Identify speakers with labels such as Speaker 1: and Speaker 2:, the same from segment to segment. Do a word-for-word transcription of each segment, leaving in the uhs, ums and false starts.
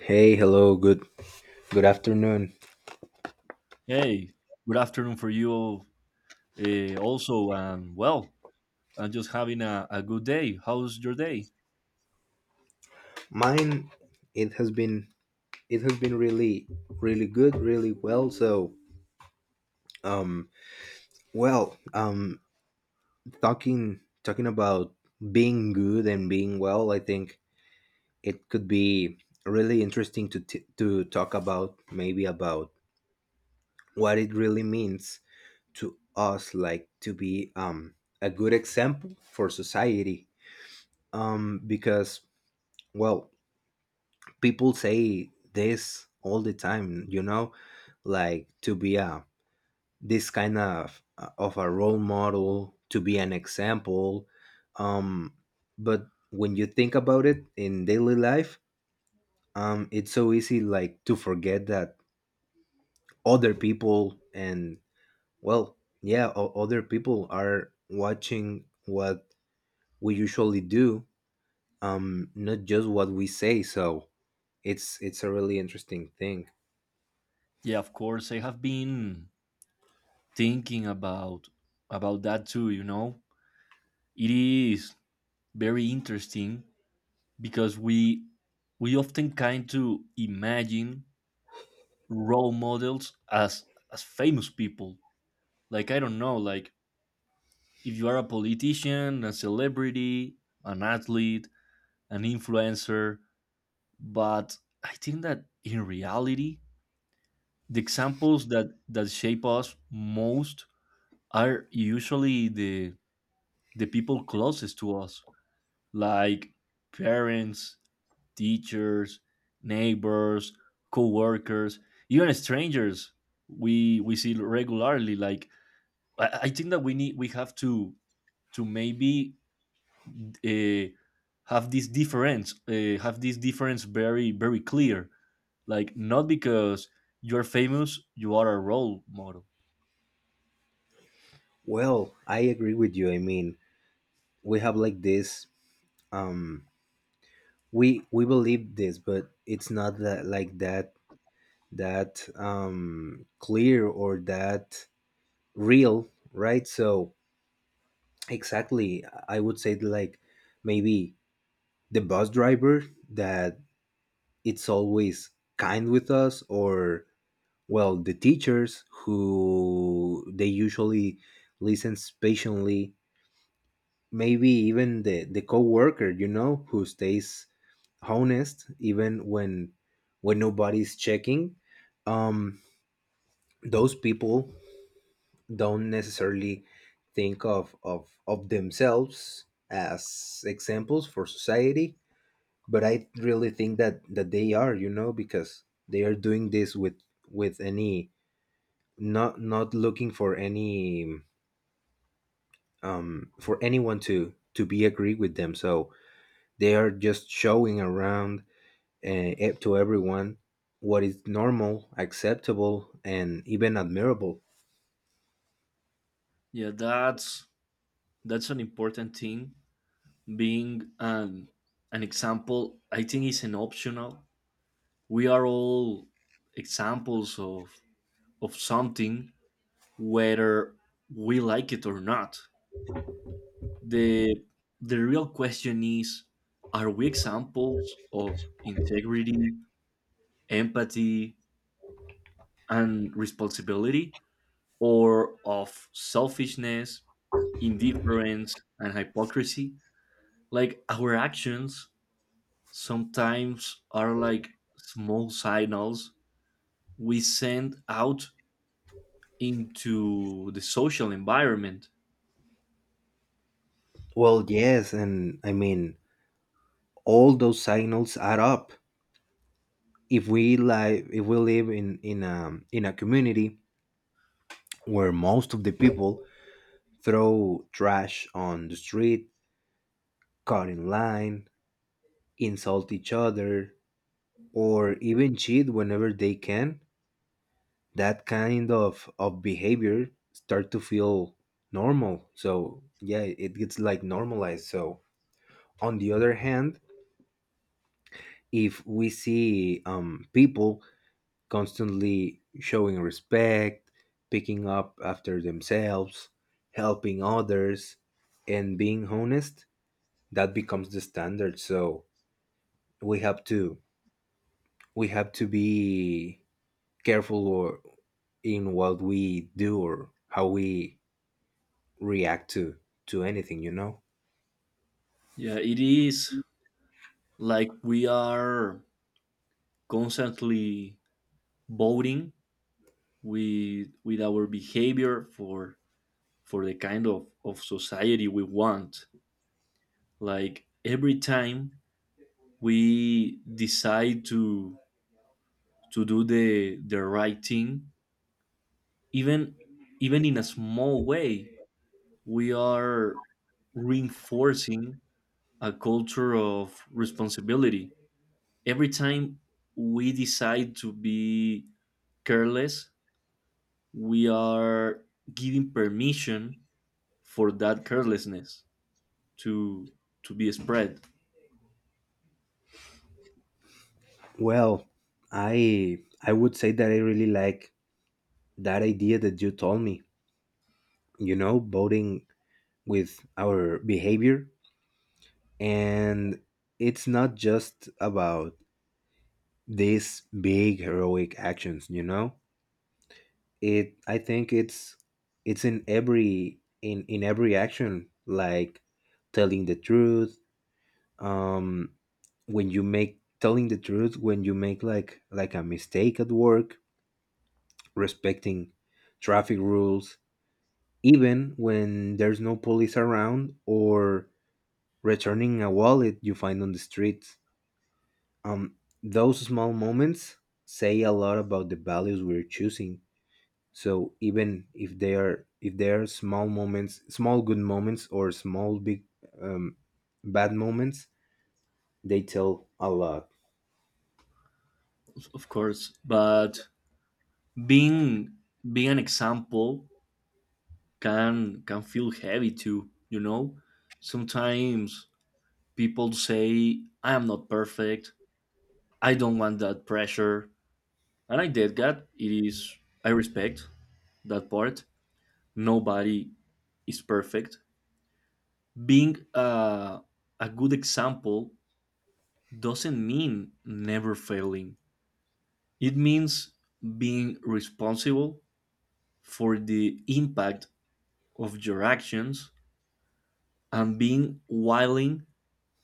Speaker 1: Hey, hello, good good afternoon.
Speaker 2: Hey, good afternoon for you uh, also. And well, I'm just having a, a good day. How's your day?
Speaker 1: Mine it has been it has been really really good, really well. So, um well, um talking talking about being good and being well, I think it could be really interesting to t- to talk about maybe about what it really means to us like to be um a good example for society. Um because well, people say this all the time, you know, like to be a, this kind of uh, of a role model, to be an example. um but when you think about it in daily life, um it's so easy like to forget that other people and well, yeah, o- other people are watching what we usually do, um not just what we say. So it's it's a really interesting thing.
Speaker 2: Yeah, of course. I have been thinking about about that too, you know. It is very interesting because we we often kind to imagine role models as as famous people. Like I don't know, like if you are a politician, a celebrity, an athlete, an influencer, but I think that in reality, the examples that that shape us most are usually the the people closest to us, like parents, teachers, neighbors, co-workers, even strangers we we see regularly. Like I, I think that we need we have to to maybe uh, have this difference uh, have this difference very very clear, like not because you're famous you are a role model.
Speaker 1: Well, I agree with you. I mean, we have like this. Um, we we believe this, but it's not that like that that um clear or that real, right? So exactly, I would say like maybe the bus driver that it's always kind with us, or well, the teachers who they usually listens patiently, maybe even the the coworker, you know, who stays honest even when when nobody's checking. um those people don't necessarily think of of of themselves as examples for society, but I really think that that they are, you know, because they are doing this with with any, not not looking for any um for anyone to to be agree with them. So they are just showing around uh, up to everyone what is normal, acceptable, and even admirable.
Speaker 2: Yeah, that's that's an important thing. Being an an example, I think, is an optional. We are all examples of of something whether we like it or not. The the real question is, are we examples of integrity, empathy, and responsibility, or of selfishness, indifference, and hypocrisy? Like our actions sometimes are like small signals we send out into the social environment.
Speaker 1: Well, yes, and I mean all those signals add up. If we live, if we live in in a in a community where most of the people throw trash on the street, cut in line, insult each other, or even cheat whenever they can, that kind of of behavior start to feel normal. So yeah, it gets like normalized. So on the other hand, if we see um, people constantly showing respect, picking up after themselves, helping others, and being honest, that becomes the standard. So we have to we have to be careful or in what we do or how we react to to anything, you know.
Speaker 2: Yeah, it is like we are constantly voting with with our behavior for for the kind of, of society we want. Like every time we decide to to do the the right thing, even even in a small way, we are reinforcing a culture of responsibility. Every time we decide to be careless, we are giving permission for that carelessness to to be spread.
Speaker 1: Well, i i would say that I really like that idea that you told me, you know, voting with our behavior. And it's not just about these big heroic actions, you know. It i think it's it's in every in in every action, like telling the truth, um when you make telling the truth when you make like like a mistake at work, respecting traffic rules, even when there's no police around, or returning a wallet you find on the street. Um, those small moments say a lot about the values we're choosing. So even if they are if they are small moments, small good moments, or small big, um, bad moments, they tell a lot.
Speaker 2: Of course, but being being an example can can feel heavy too, you know. Sometimes people say, I am not perfect, I don't want that pressure. And I did that. It is, I respect that part. Nobody is perfect. Being a, a good example doesn't mean never failing. It means being responsible for the impact of your actions and being willing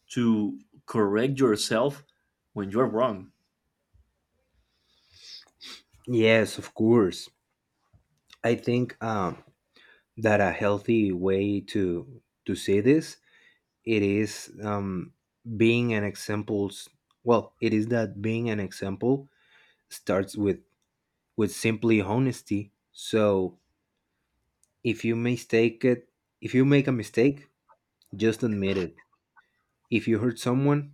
Speaker 2: to correct yourself when you're wrong.
Speaker 1: Yes, of course. I think um, that a healthy way to to see this, it is um, being an examples well, it is that being an example starts with with simply honesty. So if you mistake it if you make a mistake, just admit it. If you hurt someone,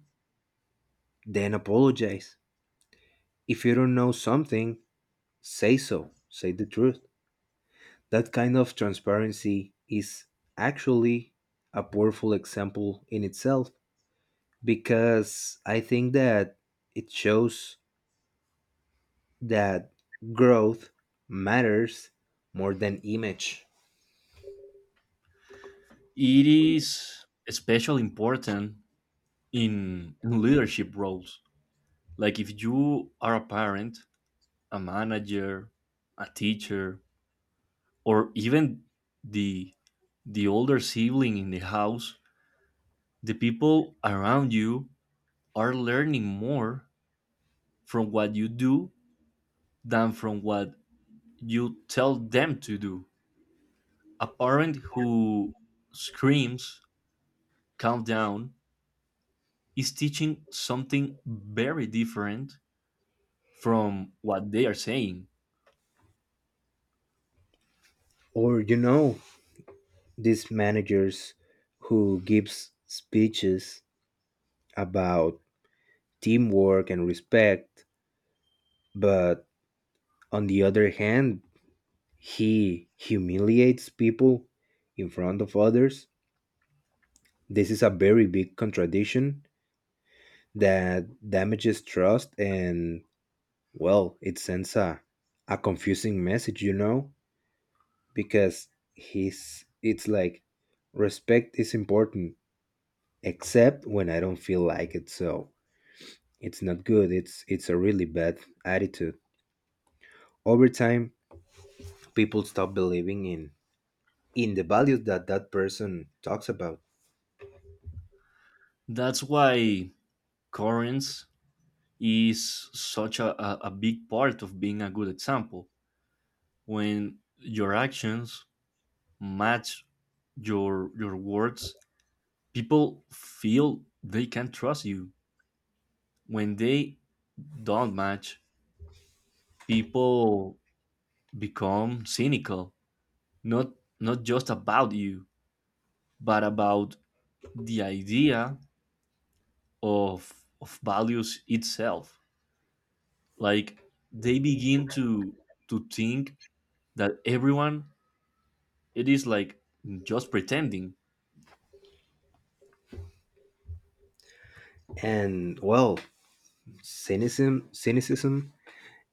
Speaker 1: then apologize. If you don't know something, say so, say the truth. That kind of transparency is actually a powerful example in itself, because I think that it shows that growth matters more than image.
Speaker 2: It is especially important in, in leadership roles. Like if you are a parent, a manager, a teacher, or even the the older sibling in the house, the people around you are learning more from what you do than from what you tell them to do. A parent who screams, calm down, is teaching something very different from what they are saying.
Speaker 1: Or you know these managers who gives speeches about teamwork and respect, but on the other hand he humiliates people in front of others. This is a very big contradiction that damages trust and, well, it sends a, a confusing message, you know, because he's it's like respect is important except when I don't feel like it. So it's not good, it's it's a really bad attitude. Over time, people stop believing in in the values that that person talks about.
Speaker 2: That's why currents is such a, a, a big part of being a good example. When your actions match your your words, people feel they can trust you. When they don't match, people become cynical, not not just about you, but about the idea of of values itself. Like they begin to to think that everyone it is like just pretending.
Speaker 1: And well, cynicism cynicism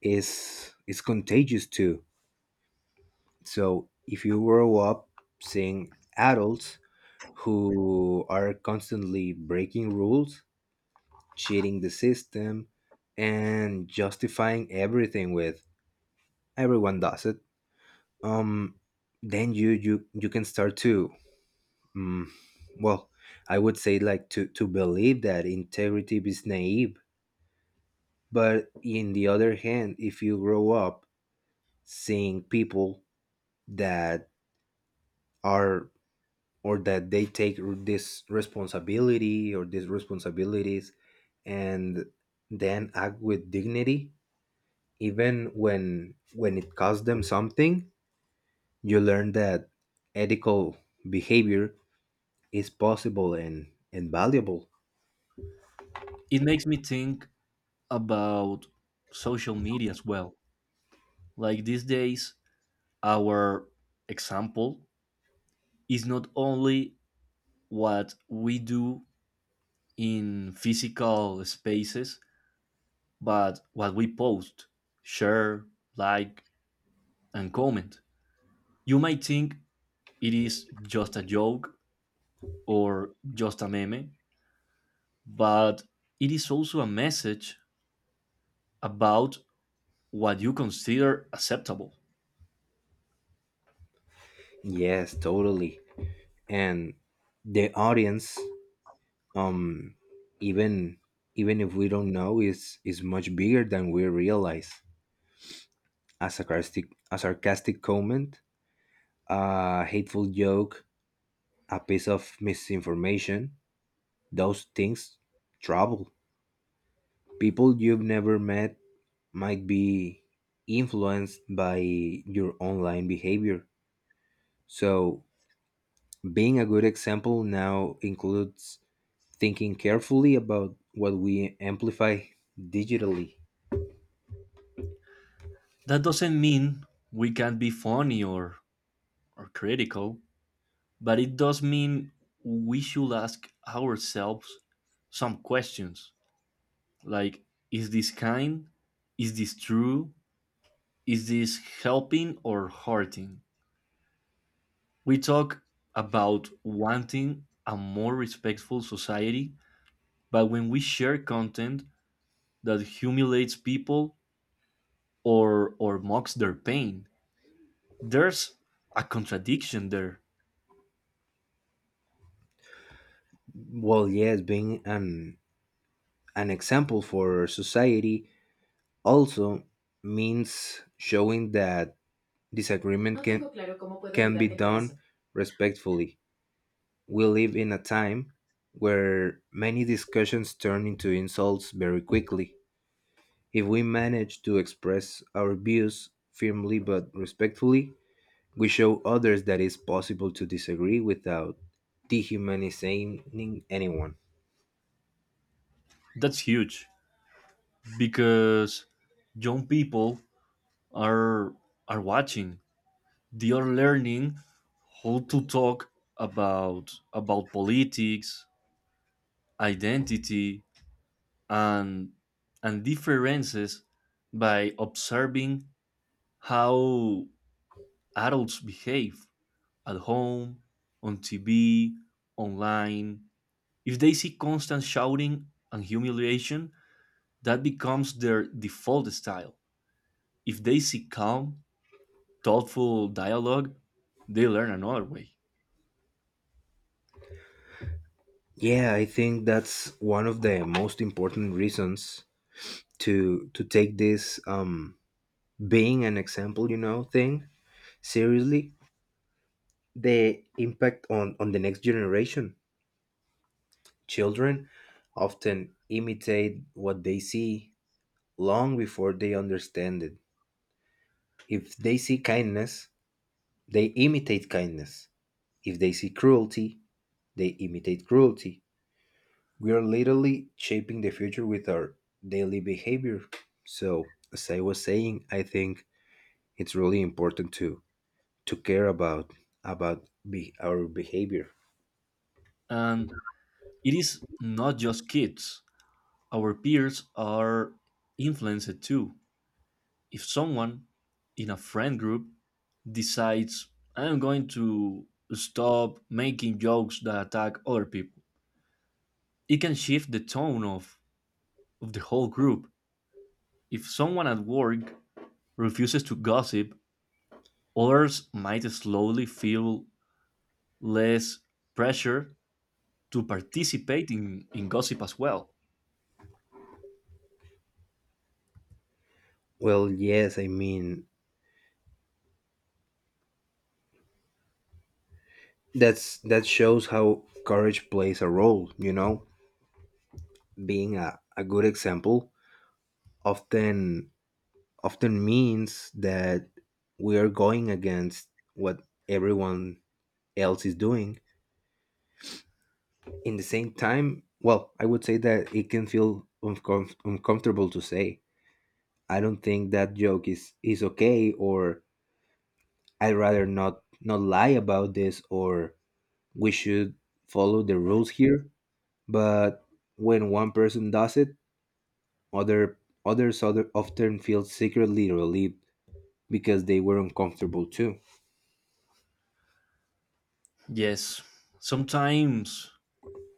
Speaker 1: is is contagious too. So if you grow up seeing adults who are constantly breaking rules, cheating the system, and justifying everything with everyone does it, um, then you you you can start to, um, well, I would say like to to believe that integrity is naive. But in the other hand, if you grow up seeing people that are or that they take r- this responsibility or these responsibilities and then act with dignity even when when it costs them something, you learn that ethical behavior is possible and and valuable.
Speaker 2: It makes me think about social media as well. Like these days our example is not only what we do in physical spaces but what we post, share, like, and comment. You might think it is just a joke or just a meme, but it is also a message about what you consider acceptable.
Speaker 1: Yes, totally. And the audience, um even even if we don't know, is is much bigger than we realize. a sarcastic a sarcastic comment, a hateful joke, a piece of misinformation, those things trouble people you've never met, might be influenced by your online behavior. So being a good example now includes thinking carefully about what we amplify digitally.
Speaker 2: That doesn't mean we can't be funny or, or critical, but it does mean we should ask ourselves some questions, like is this kind? Is this true? Is this helping or hurting? We talk about wanting a more respectful society, but when we share content that humiliates people or or mocks their pain, there's a contradiction there.
Speaker 1: Well, yes, being an, an example for society also means showing that disagreement, no, can, claro, can be done respectfully. We live in a time where many discussions turn into insults very quickly. If we manage to express our views firmly but respectfully, we show others that it's possible to disagree without dehumanizing anyone.
Speaker 2: That's huge because young people are are watching. They are learning how to talk about about politics, identity, and and differences by observing how adults behave at home, on T V, online. If they see constant shouting and humiliation, that becomes their default style. If they see calm, thoughtful dialogue, they learn another way.
Speaker 1: Yeah, I think that's one of the most important reasons to to take this, um being an example, you know, thing, seriously. The impact on on the next generation. Children often imitate what they see long before they understand it. If they see kindness, they imitate kindness. If they see cruelty, they imitate cruelty. We are literally shaping the future with our daily behavior. So, as I was saying, I think it's really important to to care about about be, our behavior.
Speaker 2: And it is not just kids, our peers are influenced too. If someone in a friend group decides, I'm going to stop making jokes that attack other people, it can shift the tone of, of the whole group. If someone at work refuses to gossip, others might slowly feel less pressure to participate in, in gossip as well.
Speaker 1: Well, yes, I mean that's, that shows how courage plays a role. You know, being a, a good example often often means that we are going against what everyone else is doing. In the same time, well, I would say that it can feel uncom- uncomfortable to say, I don't think that joke is is okay, or I'd rather not not lie about this, or we should follow the rules here. But when one person does it, other others other often feel secretly relieved because they were uncomfortable too.
Speaker 2: Yes, sometimes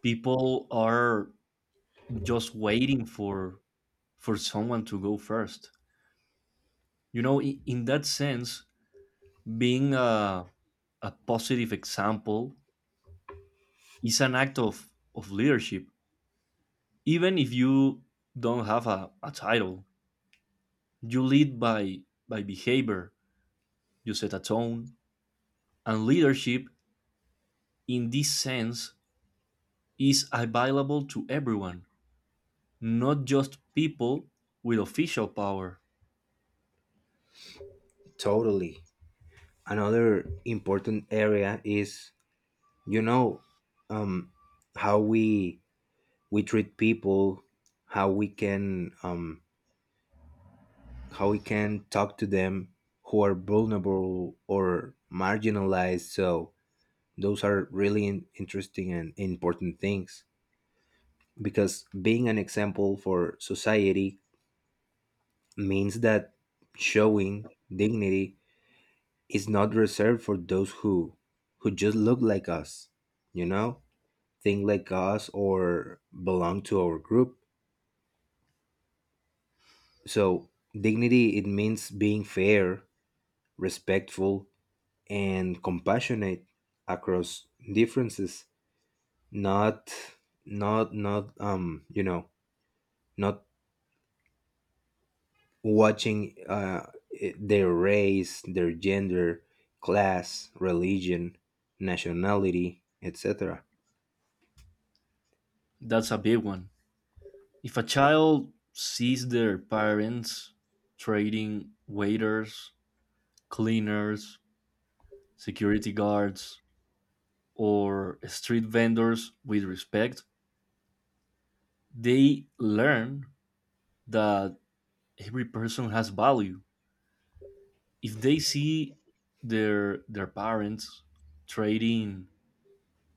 Speaker 2: people are just waiting for for someone to go first. You know, in, in that sense, being a, a positive example is an act of, of leadership. Even if you don't have a, a title, you lead by by behavior. You set a tone, and leadership, in this sense, is available to everyone, not just people with official power.
Speaker 1: Totally. Another important area is, you know, um, how we we treat people, how we can, um, how we can talk to them who are vulnerable or marginalized. So those are really in- interesting and important things, because being an example for society means that showing dignity is not reserved for those who who just look like us, you know, think like us or belong to our group. So dignity, it means being fair, respectful, and compassionate across differences, not not not um, you know, not watching uh i- their race, their gender, class, religion, nationality, et cetera.
Speaker 2: That's a big one. If a child sees their parents trading waiters, cleaners, security guards, or street vendors with respect, they learn that every person has value. If they see their their parents trading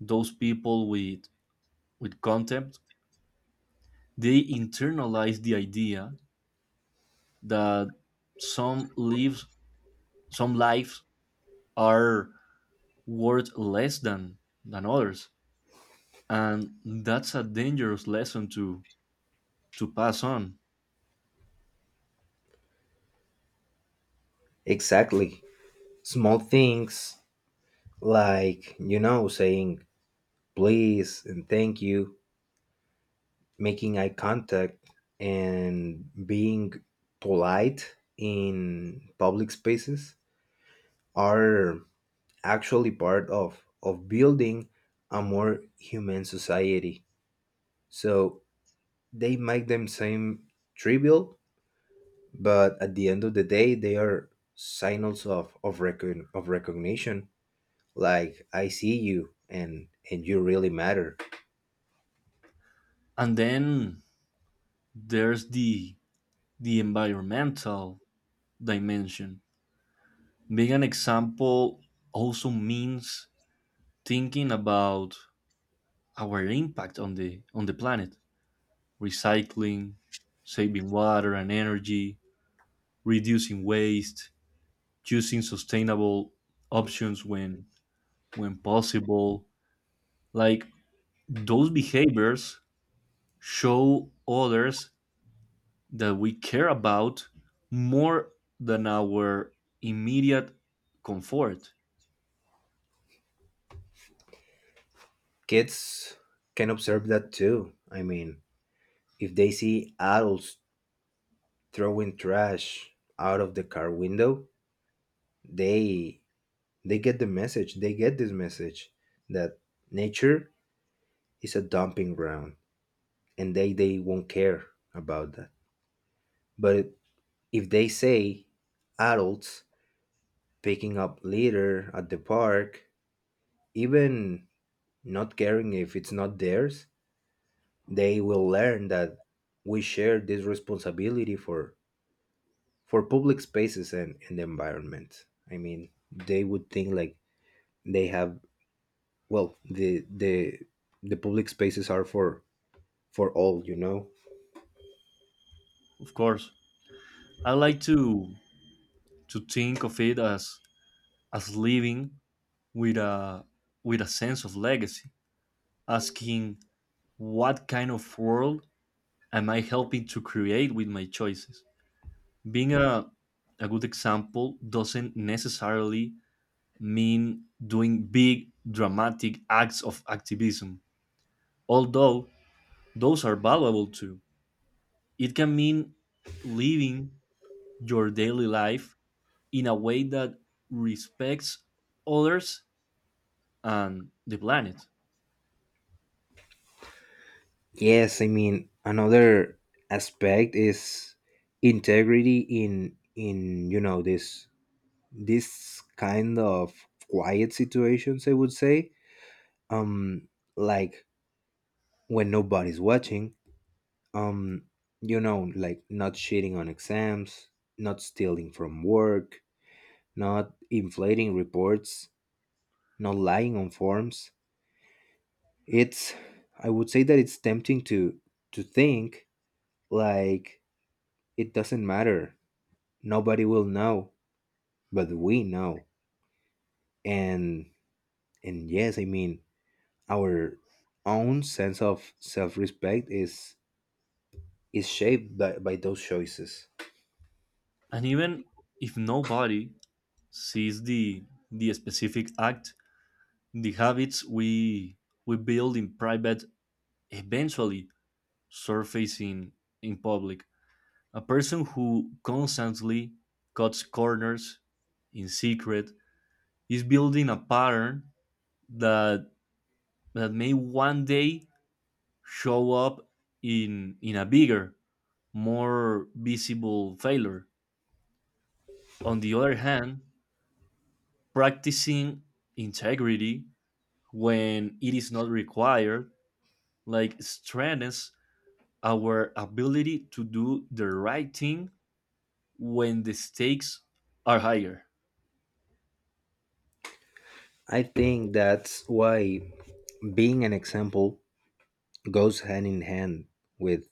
Speaker 2: those people with with contempt they internalize the idea that some lives some lives are worth less than than others and that's a dangerous lesson to to pass on.
Speaker 1: Exactly. Small things like, you know, saying please and thank you, making eye contact, and being polite in public spaces are actually part of of building a more human society. So they might them seem trivial, but at the end of the day they are signals of of, recogn- of recognition, like I see you and and you really matter.
Speaker 2: And then there's the the environmental dimension. Being an example also means thinking about our impact on the on the planet recycling, saving water and energy, reducing waste, choosing sustainable options when when possible. Like those behaviors show others that we care about more than our immediate comfort.
Speaker 1: Kids can observe that too, I mean, if they see adults throwing trash out of the car window, they they get the message, they get this message that nature is a dumping ground and they they won't care about that. But if they say adults picking up litter at the park, even not caring if it's not theirs, they will learn that we share this responsibility for for public spaces and, and the environment. I mean, they would think like they have, well, the the the public spaces are for for all, you know.
Speaker 2: Of course, I like to to think of it as as living with a with a sense of legacy, asking what kind of world am I helping to create with my choices? Being a, a good example doesn't necessarily mean doing big, dramatic acts of activism, although those are valuable too. It can mean living your daily life in a way that respects others and the planet.
Speaker 1: Yes, I mean another aspect is integrity in in you know, this this kind of quiet situations, I would say, um like when nobody's watching, um you know, like not cheating on exams, not stealing from work, not inflating reports, not lying on forms. It's, I would say that it's tempting to to think like it doesn't matter, nobody will know. But we know. and and yes, I mean, our own sense of self-respect is is shaped by, by those choices.
Speaker 2: And even if nobody sees the, the specific act, the habits we we build in private eventually surfacing in public. A person who constantly cuts corners in secret is building a pattern that that may one day show up in in a bigger, more visible failure. On the other hand, practicing integrity when it is not required like strengthens our ability to do the right thing when the stakes are higher.
Speaker 1: I think that's why being an example goes hand in hand with,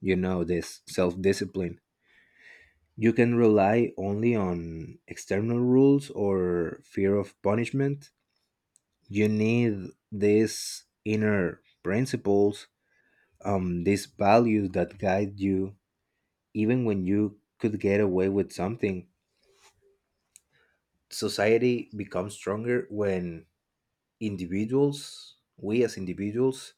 Speaker 1: you know, this self-discipline. You can rely only on external rules or fear of punishment. You need these inner principles, um, these values that guide you, even when you could get away with something. Society becomes stronger when individuals, we as individuals,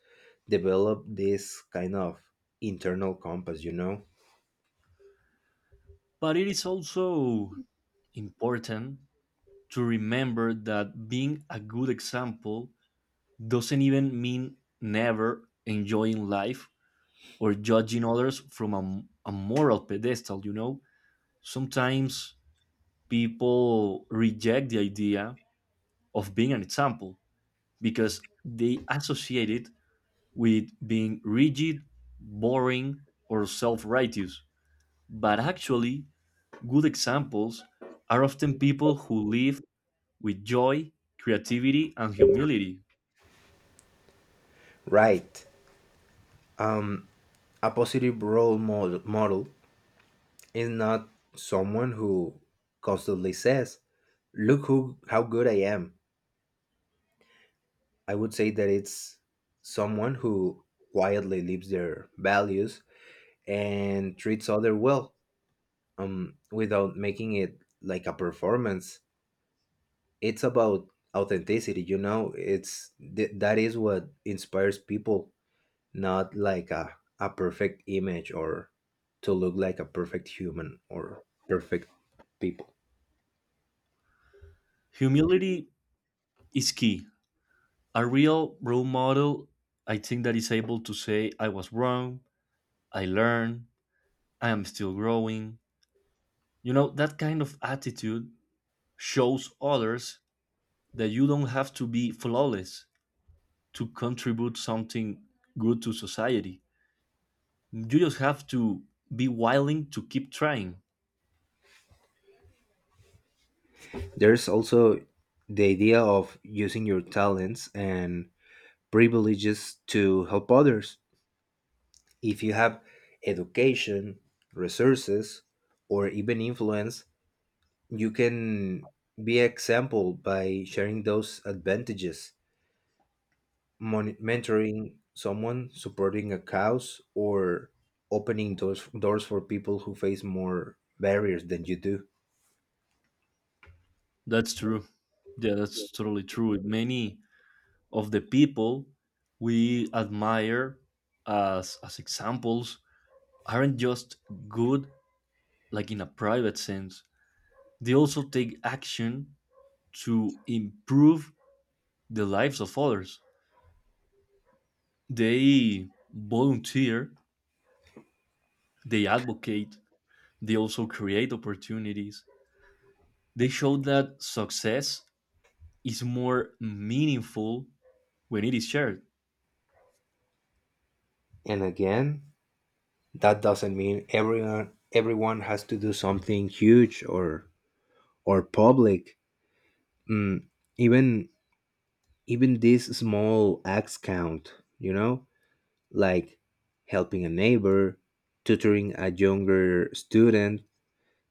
Speaker 1: develop this kind of internal compass, you know?
Speaker 2: But it is also important to remember that being a good example doesn't even mean never enjoying life or judging others from a, a moral pedestal, you know? Sometimes people reject the idea of being an example because they associate it with being rigid, boring, or self righteous. But actually, good examples are often people who live with joy, creativity, and humility.
Speaker 1: Right. A positive role model, model is not someone who constantly says, look who, how good I am. I would say that it's someone who quietly lives their values and treats other well, um, without making it like a performance. It's about authenticity, you know. It's th- that is what inspires people, not like a a perfect image or to look like a perfect human or perfect people.
Speaker 2: Humility is key. A real role model, I think, that is able to say, I was wrong, I learned, I am still growing. You know, that kind of attitude shows others that you don't have to be flawless to contribute something good to society. You just have to be willing to keep trying.
Speaker 1: There's also the idea of using your talents and privileges to help others. If you have education, resources, or even influence, you can be example by sharing those advantages, mon- mentoring someone, supporting a cause, or opening doors doors for people who face more barriers than you do.
Speaker 2: That's true. Yeah, that's totally true. Many of the people we admire as as examples aren't just good like in a private sense. They also take action to improve the lives of others. They volunteer, they advocate, they also create opportunities. They show that success is more meaningful when it is shared.
Speaker 1: And again, that doesn't mean everyone everyone has to do something huge or or public. Mm, even even these small acts count, you know like helping a neighbor, tutoring a younger student,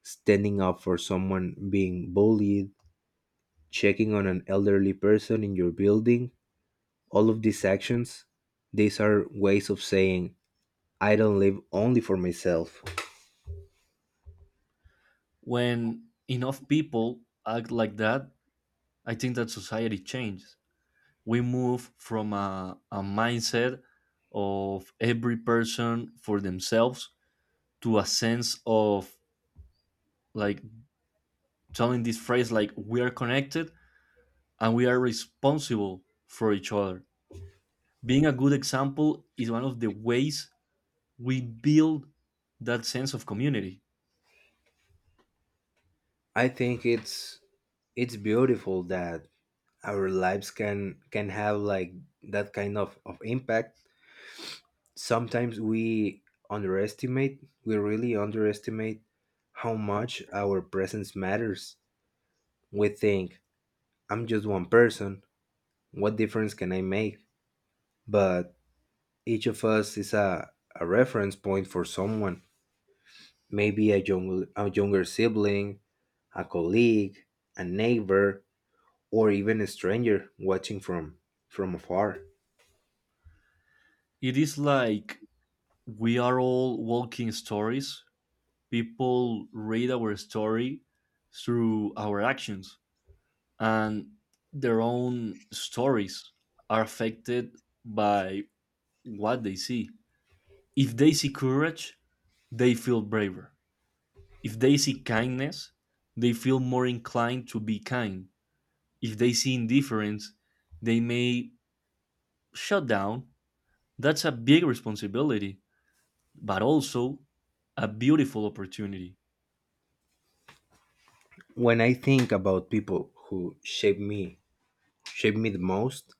Speaker 1: standing up for someone being bullied, checking on an elderly person in your building. All of these actions, these are ways of saying I don't live only for myself.
Speaker 2: When enough people act like that, I think that society changes. We move from a, a mindset of every person for themselves to a sense of like telling this phrase like we are connected and we are responsible for each other. Being a good example is one of the ways we build that sense of community.
Speaker 1: I think it's it's beautiful that our lives can can have like that kind of, of impact. Sometimes we underestimate, we really underestimate how much our presence matters. We think, I'm just one person, what difference can I make? But each of us is a, a reference point for someone. Maybe a, young, a younger sibling, a colleague, a neighbor, or even a stranger watching from, from afar.
Speaker 2: It is like we are all walking stories. People read our story through our actions, and their own stories are affected by what they see. If they see courage, they feel braver. If they see kindness, they feel more inclined to be kind. If they see indifference, they may shut down. That's a big responsibility but also a beautiful opportunity.
Speaker 1: When I think about people who shape me, shape me the most,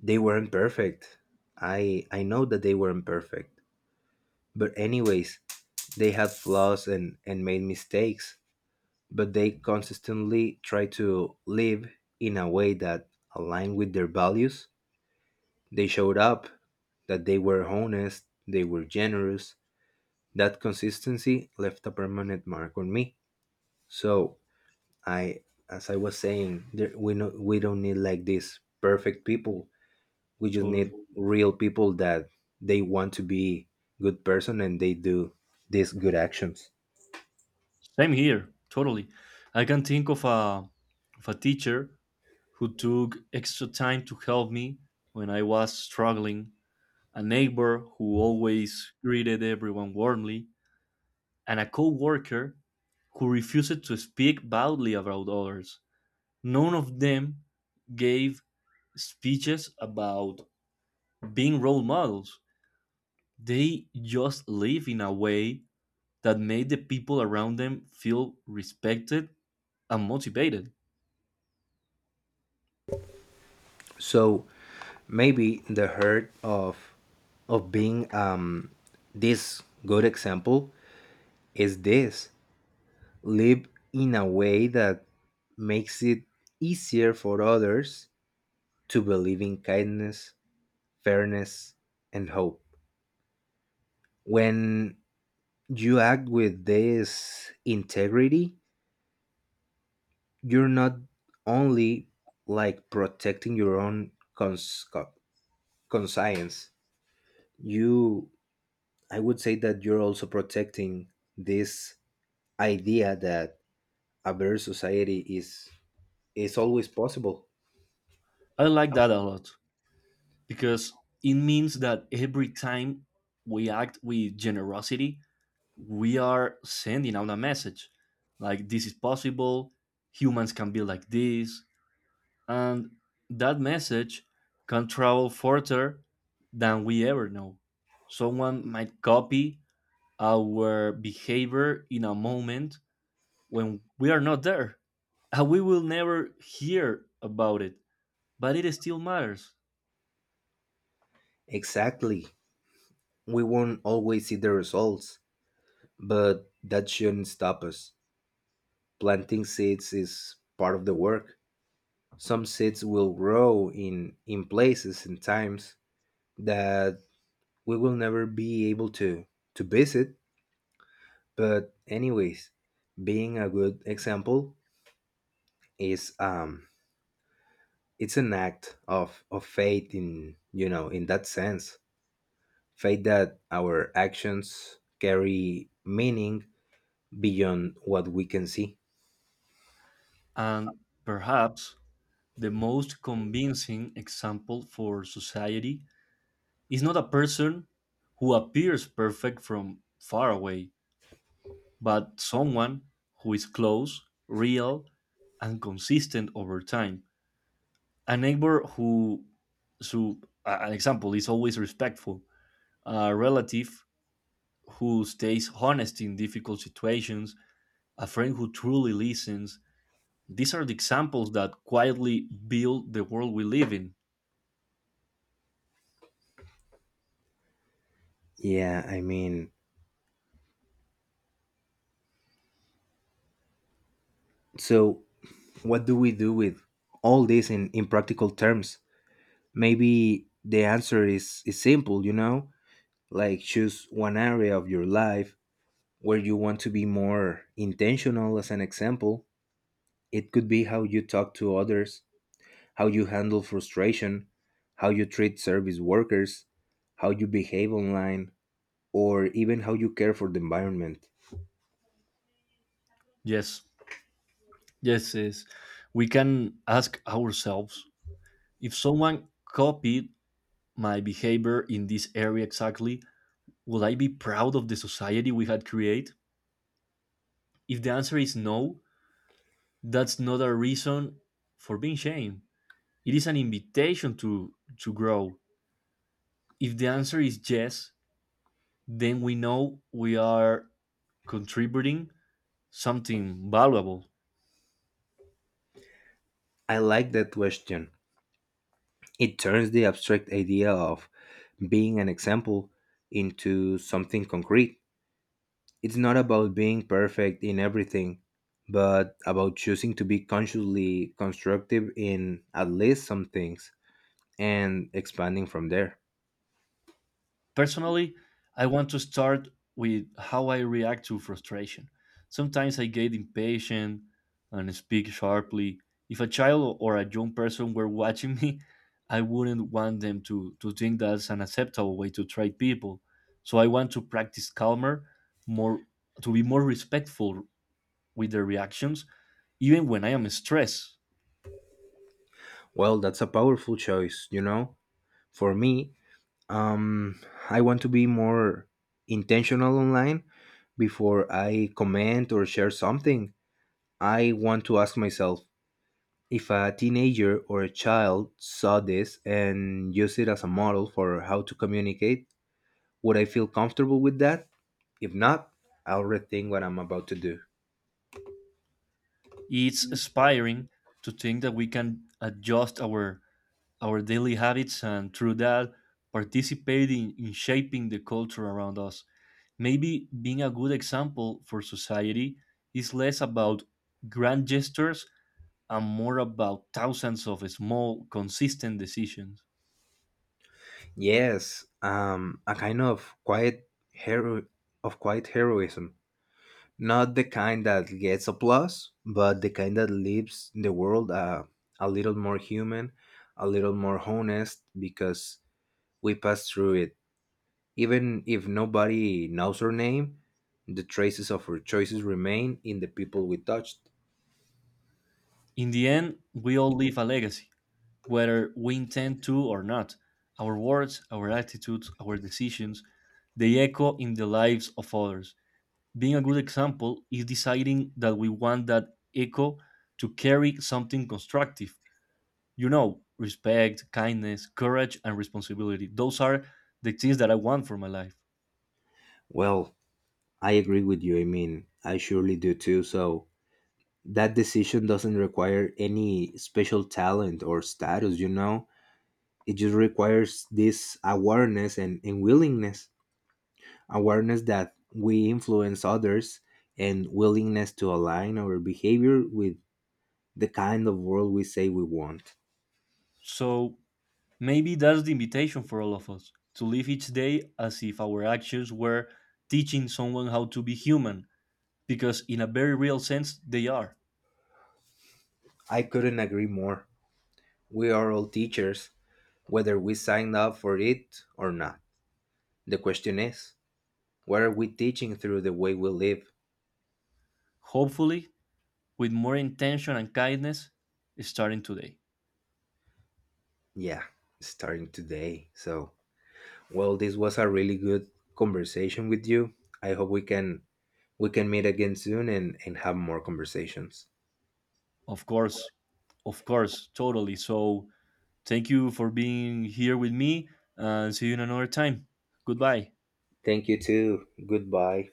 Speaker 1: they weren't perfect. I I know that they weren't perfect. But anyways, they had flaws and, and made mistakes, but they consistently tried to live in a way that aligned with their values. They showed up, that they were honest, they were generous. That consistency left a permanent mark on me. So I, as I was saying, there, we no, we don't need like these perfect people. We just need
Speaker 2: Totally.
Speaker 1: real people that they want to be good person and they do these good actions.
Speaker 2: Same here, totally. I can think of a of a teacher who took extra time to help me when I was struggling, a neighbor who always greeted everyone warmly, and a co-worker who refused to speak badly about others. None of them gave speeches about being role models. They just lived in a way that made the people around them feel respected and motivated.
Speaker 1: So maybe the hurt of of being um this good example is this live in a way that makes it easier for others to believe in kindness, fairness, and hope. When you act with this integrity, you're not only like protecting your own cons- co- conscience. You, I would say that you're also protecting this idea that a better society is is always possible.
Speaker 2: I like that a lot because it means that every time we act with generosity, we are sending out a message like this is possible, humans can be like this, and that message can travel further than we ever know. Someone might copy our behavior in a moment when we are not there, and we will never hear about it, but it still matters.
Speaker 1: Exactly, we won't always see the results, but that shouldn't stop us. Planting seeds is part of the work. Some seeds will grow in in places and times that we will never be able to to visit. But anyways, being a good example is um it's an act of of faith in, you know in that sense. Faith that our actions carry meaning beyond what we can see.
Speaker 2: And perhaps the most convincing example for society is not a person who appears perfect from far away, but someone who is close, real, and consistent over time. A neighbor who, so a- an example, is always respectful, a relative who stays honest in difficult situations, a friend who truly listens. These are the examples that quietly build the world we live in.
Speaker 1: Yeah, I mean, so what do we do with all this in in practical terms? Maybe the answer is is simple, you know, like choose one area of your life where you want to be more intentional as an example. It could be how you talk to others, how you handle frustration, how you treat service workers, how you behave online, or even how you care for the environment.
Speaker 2: Yes, yes, yes. We can ask ourselves, if someone copied my behavior in this area exactly, would I be proud of the society we had created? If the answer is no, that's not a reason for being shamed. It is an invitation to to grow. If the answer is yes, then we know we are contributing something valuable.
Speaker 1: I like that question. It turns the abstract idea of being an example into something concrete. It's not about being perfect in everything, but about choosing to be consciously constructive in at least some things, and expanding from there.
Speaker 2: Personally, I want to start with how I react to frustration. Sometimes I get impatient and speak sharply. If a child or a young person were watching me, I wouldn't want them to, to think that's an acceptable way to treat people. So I want to practice calmer, more to be more respectful with their reactions, even when I am stressed.
Speaker 1: Well, that's a powerful choice, you know? For me, um, I want to be more intentional online. Before I comment or share something, I want to ask myself, if a teenager or a child saw this and used it as a model for how to communicate, would I feel comfortable with that? If not, I'll rethink what I'm about to do.
Speaker 2: It's inspiring to think that we can adjust our our daily habits and through that participating in shaping the culture around us. Maybe being a good example for society is less about grand gestures and more about thousands of small, consistent decisions.
Speaker 1: Yes, um, a kind of quiet hero of quiet heroism. Not the kind that gets applause, but the kind that leaves the world uh, a little more human, a little more honest, because we pass through it. Even if nobody knows our name, the traces of our choices remain in the people we touched.
Speaker 2: In the end, we all leave a legacy, whether we intend to or not. Our words, our attitudes, our decisions, they echo in the lives of others. Being a good example is deciding that we want that echo to carry something constructive. You know, respect, kindness, courage, and responsibility. Those are the things that I want for my life.
Speaker 1: Well, I agree with you. I mean, I surely do too. So that decision doesn't require any special talent or status, you know? It just requires this awareness and, and willingness. Awareness that we influence others, and willingness to align our behavior with the kind of world we say we want.
Speaker 2: So maybe that's the invitation for all of us to live each day as if our actions were teaching someone how to be human, because in a very real sense, they are.
Speaker 1: I couldn't agree more. We are all teachers, whether we signed up for it or not. The question is, what are we teaching through the way we live?
Speaker 2: Hopefully, with more intention and kindness, starting today.
Speaker 1: Yeah, starting today. So, well, this was a really good conversation with you. I hope we can we can meet again soon and, and have more conversations.
Speaker 2: Of course, of course, totally. So, thank you for being here with me uh, and see you in another time. Goodbye.
Speaker 1: Thank you too. Goodbye.